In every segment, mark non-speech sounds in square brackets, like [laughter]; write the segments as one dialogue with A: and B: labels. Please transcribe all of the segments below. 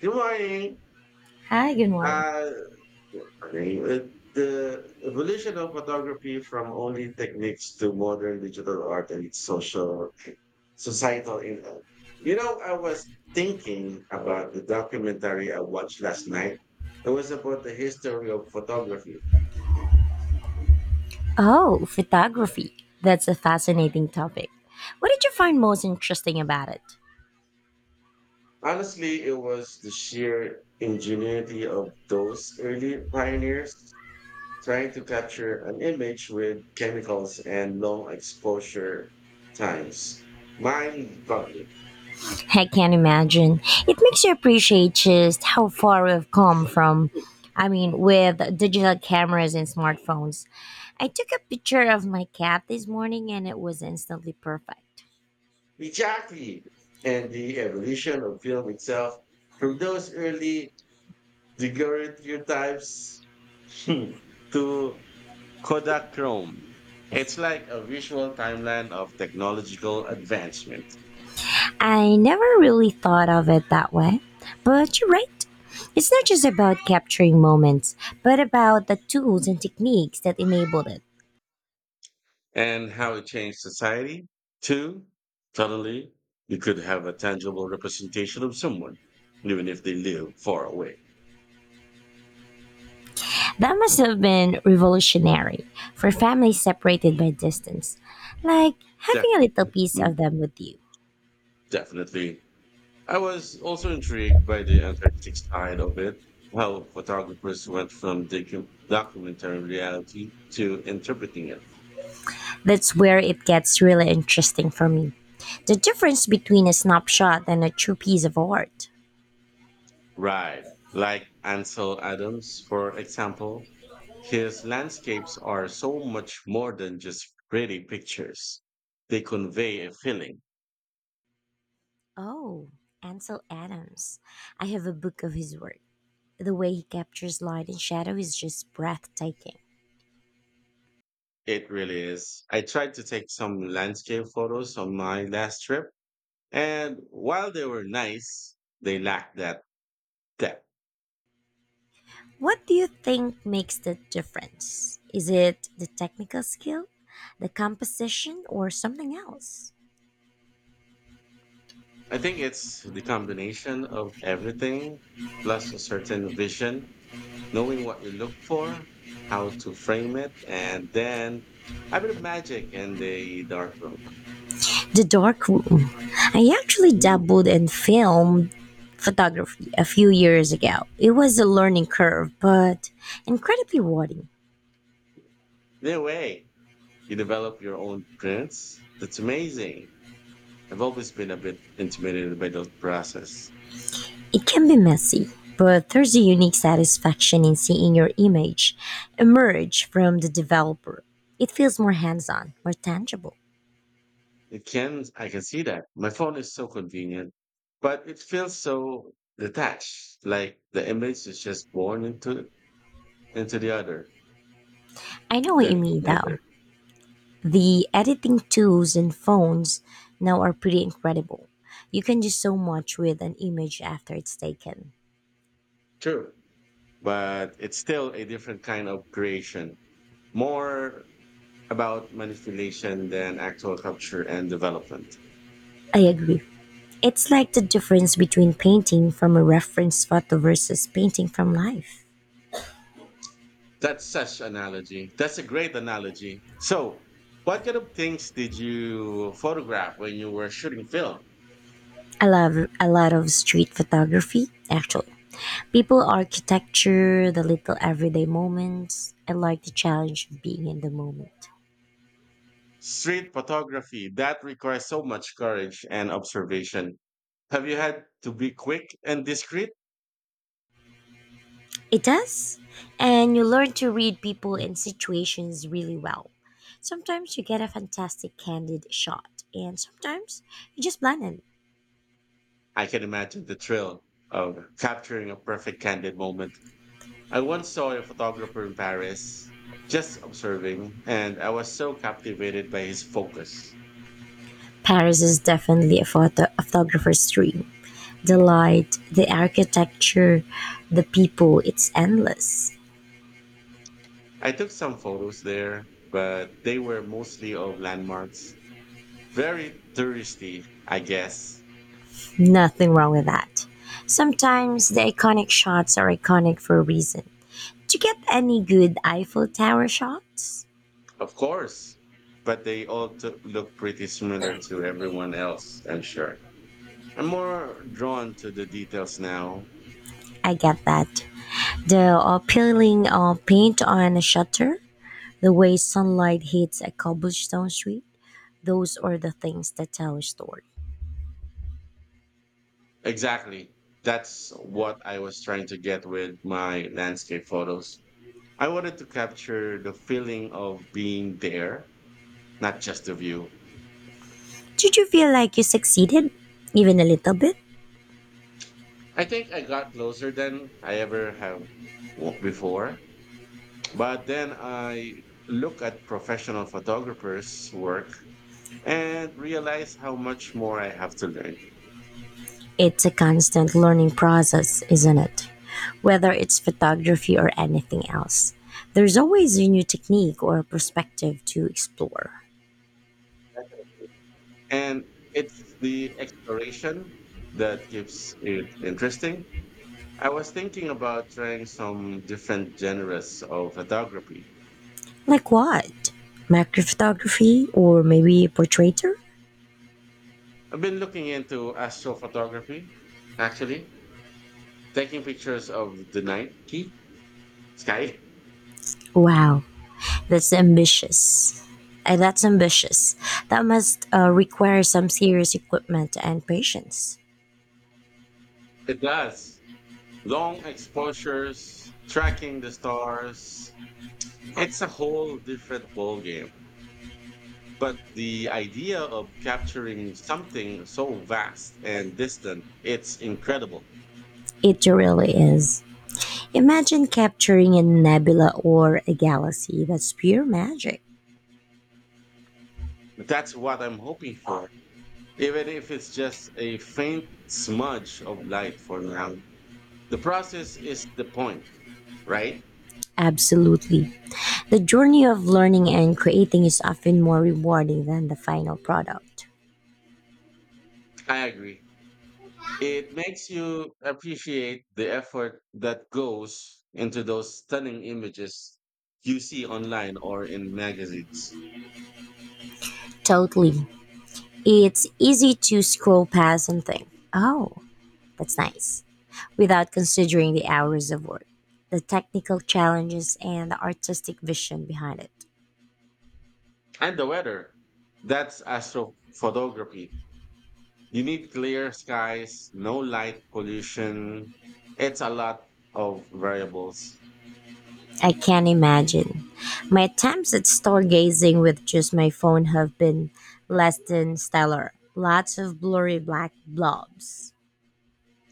A: Good morning.
B: Hi, good morning.
A: Uh, with the evolution of photography from only techniques to modern digital art and its social societal impact. You know, I was thinking about the documentary I watched last night. It was about the history of photography.
B: Oh, photography. That's a fascinating topic. What did you find most interesting about it?
A: Honestly, it was the sheer ingenuity of those early pioneers trying to capture an image with chemicals and long exposure times. Mind boggling.
B: I can't imagine. It makes you appreciate just how far we've come from. I mean, with digital cameras and smartphones. I took a picture of my cat this morning and it was instantly perfect.
A: Exactly. And the evolution of film itself from those early daguerreotypes [laughs] hmm, to Kodachrome. It's like a visual timeline of technological advancement.
B: I never really thought of it that way, but you're right. It's not just about capturing moments, but about the tools and techniques that enabled it.
A: And how it changed society. Two, suddenly you could have a tangible representation of someone, even if they live far away.
B: That must have been revolutionary for families separated by distance, like
A: Def-
B: having a little piece
A: mm,
B: of them with you.
A: Definitely. I was also intrigued by the artistic side of it, how photographers went from documentary reality to interpreting it.
B: That's where it gets really interesting for me. The difference between a snapshot and a true piece of art.
A: Right. Like Ansel Adams, for example, his landscapes are so much more than just pretty pictures. They convey a feeling.
B: Oh, Ansel Adams. I have a book of his work. The way he captures light and shadow is just breathtaking.
A: It really is. I tried to take some landscape photos on my last trip, and while they were nice, they lacked that depth.
B: What do you think makes the difference? Is it the technical skill, the composition, or something else?
A: I think it's the combination of everything plus a certain vision, knowing what you look for, how to frame it, and then a bit of magic in the dark room.
B: The dark room. I actually
A: Mm.
B: dabbled in film photography a few years ago. It was a learning curve, but incredibly rewarding.
A: In a way, you develop your own prints. That's amazing. I've always been a bit intimidated by the process.
B: It can be messy, but there's a unique satisfaction in seeing your image emerge from the developer. It feels more hands on, more tangible.
A: It can, I can see that. My phone is so convenient, but it feels so detached. Like the image is just born into the
B: I know what you
A: the
B: mean
A: other.
B: though. The editing tools and phones now are pretty incredible. You can do so much with an image after it's taken.
A: True, but it's still a different kind of creation, more about manipulation than actual capture and development.
B: I agree. It's like the difference between painting from a reference photo versus painting from life.
A: That's such analogy. That's a great analogy. So, what kind of things did you photograph when you were shooting film?
B: I love a lot of street photography, actually. People, architecture, the little everyday moments. I like the challenge of being in the moment.
A: Street photography, that requires so much courage and observation. Have you had to be quick and discreet?
B: It does. And you learn to read people and situations really well. Sometimes you get a fantastic candid shot, and sometimes you just blind it.
A: I can imagine the thrill of capturing a perfect candid moment. I once saw a photographer in Paris just observing, and I was so captivated by his focus.
B: Paris is definitely a a photographer's dream. The light, the architecture, the people, it's endless.
A: I took some photos there, but they were mostly of landmarks. Very touristy, I guess.
B: Nothing wrong with that. Sometimes the iconic shots are iconic for a reason. Do you get any good Eiffel Tower shots?
A: Of course, but they all to look pretty similar to everyone else, I'm sure. I'm more drawn to the details now.
B: I get that. The appealing paint on a shutter, the way sunlight hits a cobblestone street, those are the things that tell a story.
A: Exactly. That's what I was trying to get with my landscape photos. I wanted to capture the feeling of being there, not just the view.
B: Did you feel like you succeeded, even a little bit?
A: I think I got closer than I ever have before, but then I look at professional photographers' work and realize how much more I have to learn.
B: It's a constant learning process, isn't it? Whether it's photography or anything else, there's always a new technique or perspective to explore.
A: And it's the exploration that keeps it interesting. I was thinking about trying some different genres of photography.
B: Like what? Macrophotography or maybe portraiture?
A: I've been looking into astrophotography, actually, taking pictures of the night [laughs] sky.
B: Wow, that's ambitious. Uh, that's ambitious. That must require some serious equipment and patience.
A: It does. Long exposures, tracking the stars. It's a whole different ballgame. But the idea of capturing something so vast and distant, it's incredible.
B: It really is. Imagine capturing a nebula or a galaxy. That's pure magic.
A: That's what I'm hoping for, even if it's just a faint smudge of light for now. The process is the point, right?
B: Absolutely. The journey of learning and creating is often more rewarding than the final product.
A: I agree. It makes you appreciate the effort that goes into those stunning images you see online or in magazines.
B: Totally. It's easy to scroll past and think, oh, that's nice, without considering the hours of work, the technical challenges, and the artistic vision behind it.
A: And the weather. That's astrophotography. You need clear skies, no light pollution. It's a lot of variables.
B: I can't imagine. My attempts at stargazing with just my phone have been less than stellar. Lots of blurry black blobs.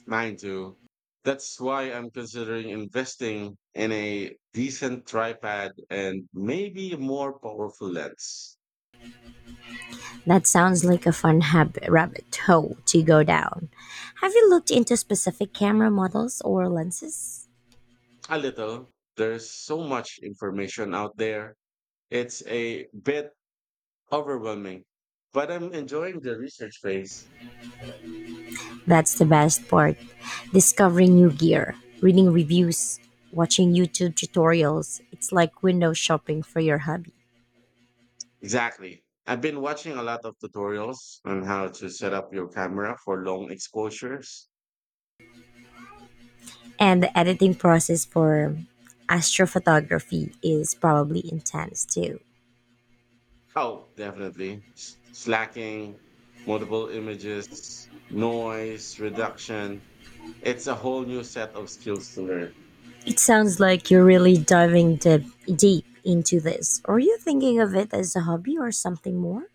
A: Mine too. That's why I'm considering investing in a decent tripod and maybe a more powerful lens.
B: That sounds like a fun rabbit hole to go down. Have you looked into specific camera models or lenses?
A: A little. There's so much information out there. It's a bit overwhelming, but I'm enjoying the research phase.
B: That's the best part. Discovering new gear, reading reviews, watching YouTube tutorials. It's like window shopping for your hobby.
A: Exactly. I've been watching a lot of tutorials on how to set up your camera for long exposures.
B: And the editing process for astrophotography is probably intense too.
A: Oh, definitely. Slacking, multiple images, noise reduction. It's a whole new set of skills to learn.
B: It sounds like you're really diving deep into this. Are you thinking of it as a hobby or something more?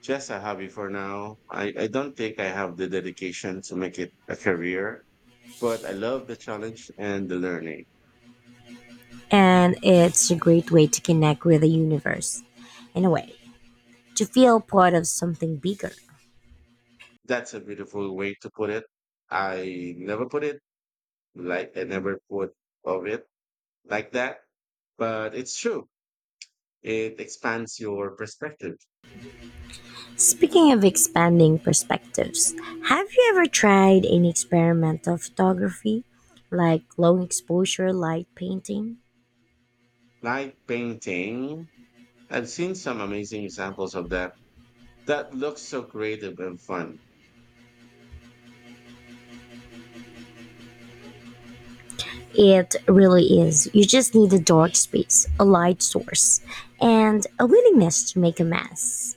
A: Just a hobby for now. I don't think I have the dedication to make it a career, but I love the challenge and the learning.
B: And it's a great way to connect with the universe, in a way, to feel part of something bigger.
A: That's a beautiful way to put it. I never put it like I never put of it like that, but it's true. It expands your perspective.
B: Speaking of expanding perspectives, have you ever tried any experimental photography, like long exposure light painting?
A: Like painting, I've seen some amazing examples of that. That looks so creative and fun.
B: It really is. You just need a dark space, a light source, and a willingness to make a mess.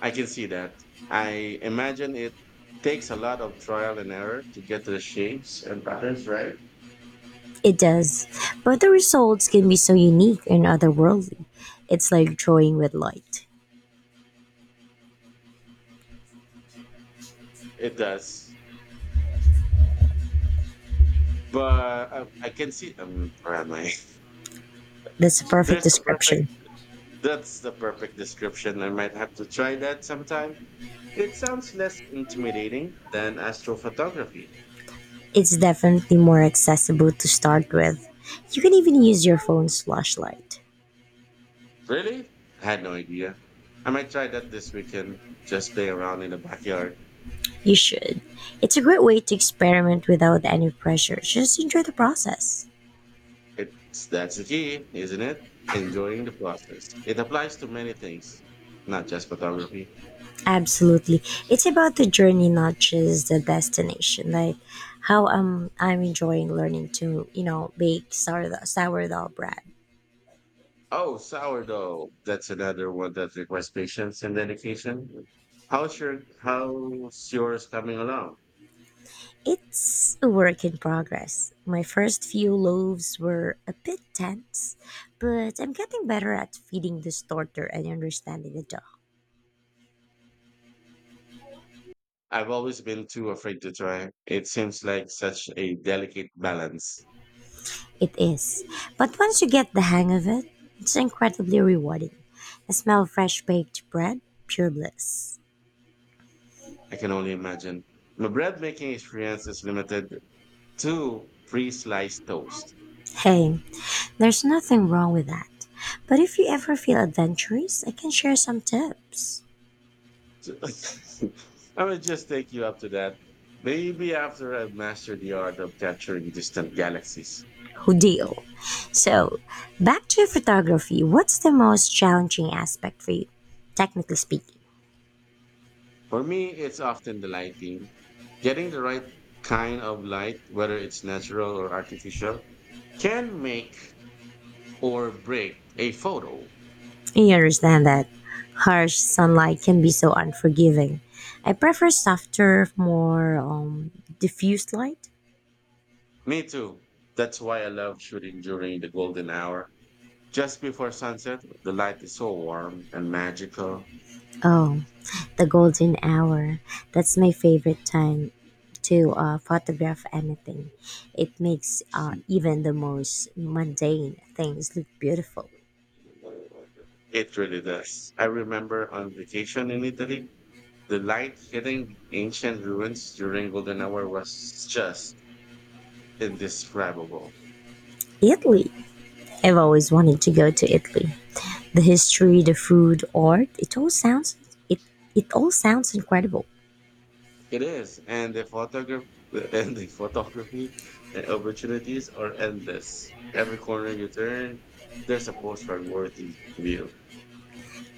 A: I can see that. I imagine it takes a lot of trial and error to get the shapes and patterns, right?
B: It does, but the results can be so unique and otherworldly. It's like drawing with light.
A: It does. But I can see, where am I?
B: That's
A: [laughs]
B: a perfect
A: There's a perfect,
B: description.
A: that's the perfect description. I might have to try that sometime. It sounds less intimidating than astrophotography.
B: It's definitely more accessible to start with. You can even use your phone's flashlight.
A: Really? I had no idea. I might try that this weekend. Just play around in the backyard.
B: You should. It's a great way to experiment without any pressure. Just enjoy the process.
A: It's that's the key, isn't it? Enjoying the process. It applies to many things, not just photography.
B: Absolutely. It's about the journey, not just the destination. Like how I'm enjoying learning to, bake sourdough bread.
A: Oh, sourdough. That's another one that requires patience and dedication. How's yours coming along?
B: It's a work in progress. My first few loaves were a bit tense, but I'm getting better at feeding the starter and understanding the dog.
A: I've always been too afraid to try. It seems like such a delicate balance.
B: It is. But once you get the hang of it, it's incredibly rewarding. The smell of fresh baked bread, pure bliss.
A: I can only imagine. My bread making experience is limited to pre sliced toast.
B: Hey, there's nothing wrong with that. But if you ever feel adventurous, I can share some tips.
A: [laughs] I would just take you up to that. Maybe after I've mastered the art of capturing distant galaxies.
B: Hodil. So, back to photography, what's the most challenging aspect for you, technically speaking?
A: For me, it's often the lighting. Getting the right kind of light, whether it's natural or artificial, can make or break a photo.
B: You understand that harsh sunlight can be so unforgiving. I prefer softer, more diffused light.
A: Me too. That's why I love shooting during the golden hour. Just before sunset, the light is so warm and magical.
B: Oh, the golden hour. That's my favorite time to photograph anything. It makes even the most mundane things look beautiful.
A: It really does. I remember on vacation in Italy, the light hitting ancient ruins during golden hour was just indescribable.
B: Italy. I've always wanted to go to Italy. The history, the food, art. It it all sounds incredible.
A: It is, and the photograph [laughs] and the photography the opportunities are endless. Every corner you turn, there's a postcard worthy view.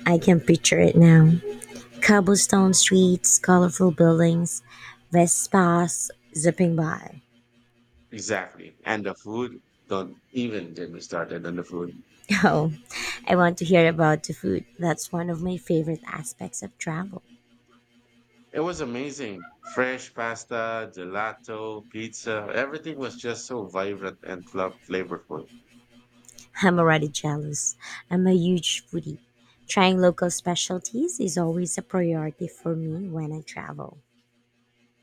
B: I can picture it now. Cobblestone streets, colorful buildings, Vespas zipping by.
A: Exactly. And the food, don't even get me started on the food.
B: [laughs] Oh, I want to hear about the food. That's one of my favorite aspects of travel.
A: It was amazing. Fresh pasta, gelato, pizza, everything was just so vibrant and flavorful.
B: I'm already jealous. I'm a huge foodie. Trying local specialties is always a priority for me when I travel.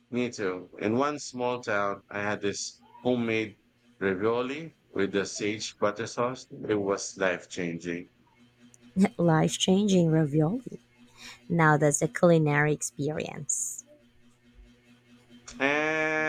A: Me too. In one small town, I had this homemade ravioli with the sage butter sauce. It was life changing.
B: [laughs] Life changing ravioli. Now that's a culinary experience.
A: And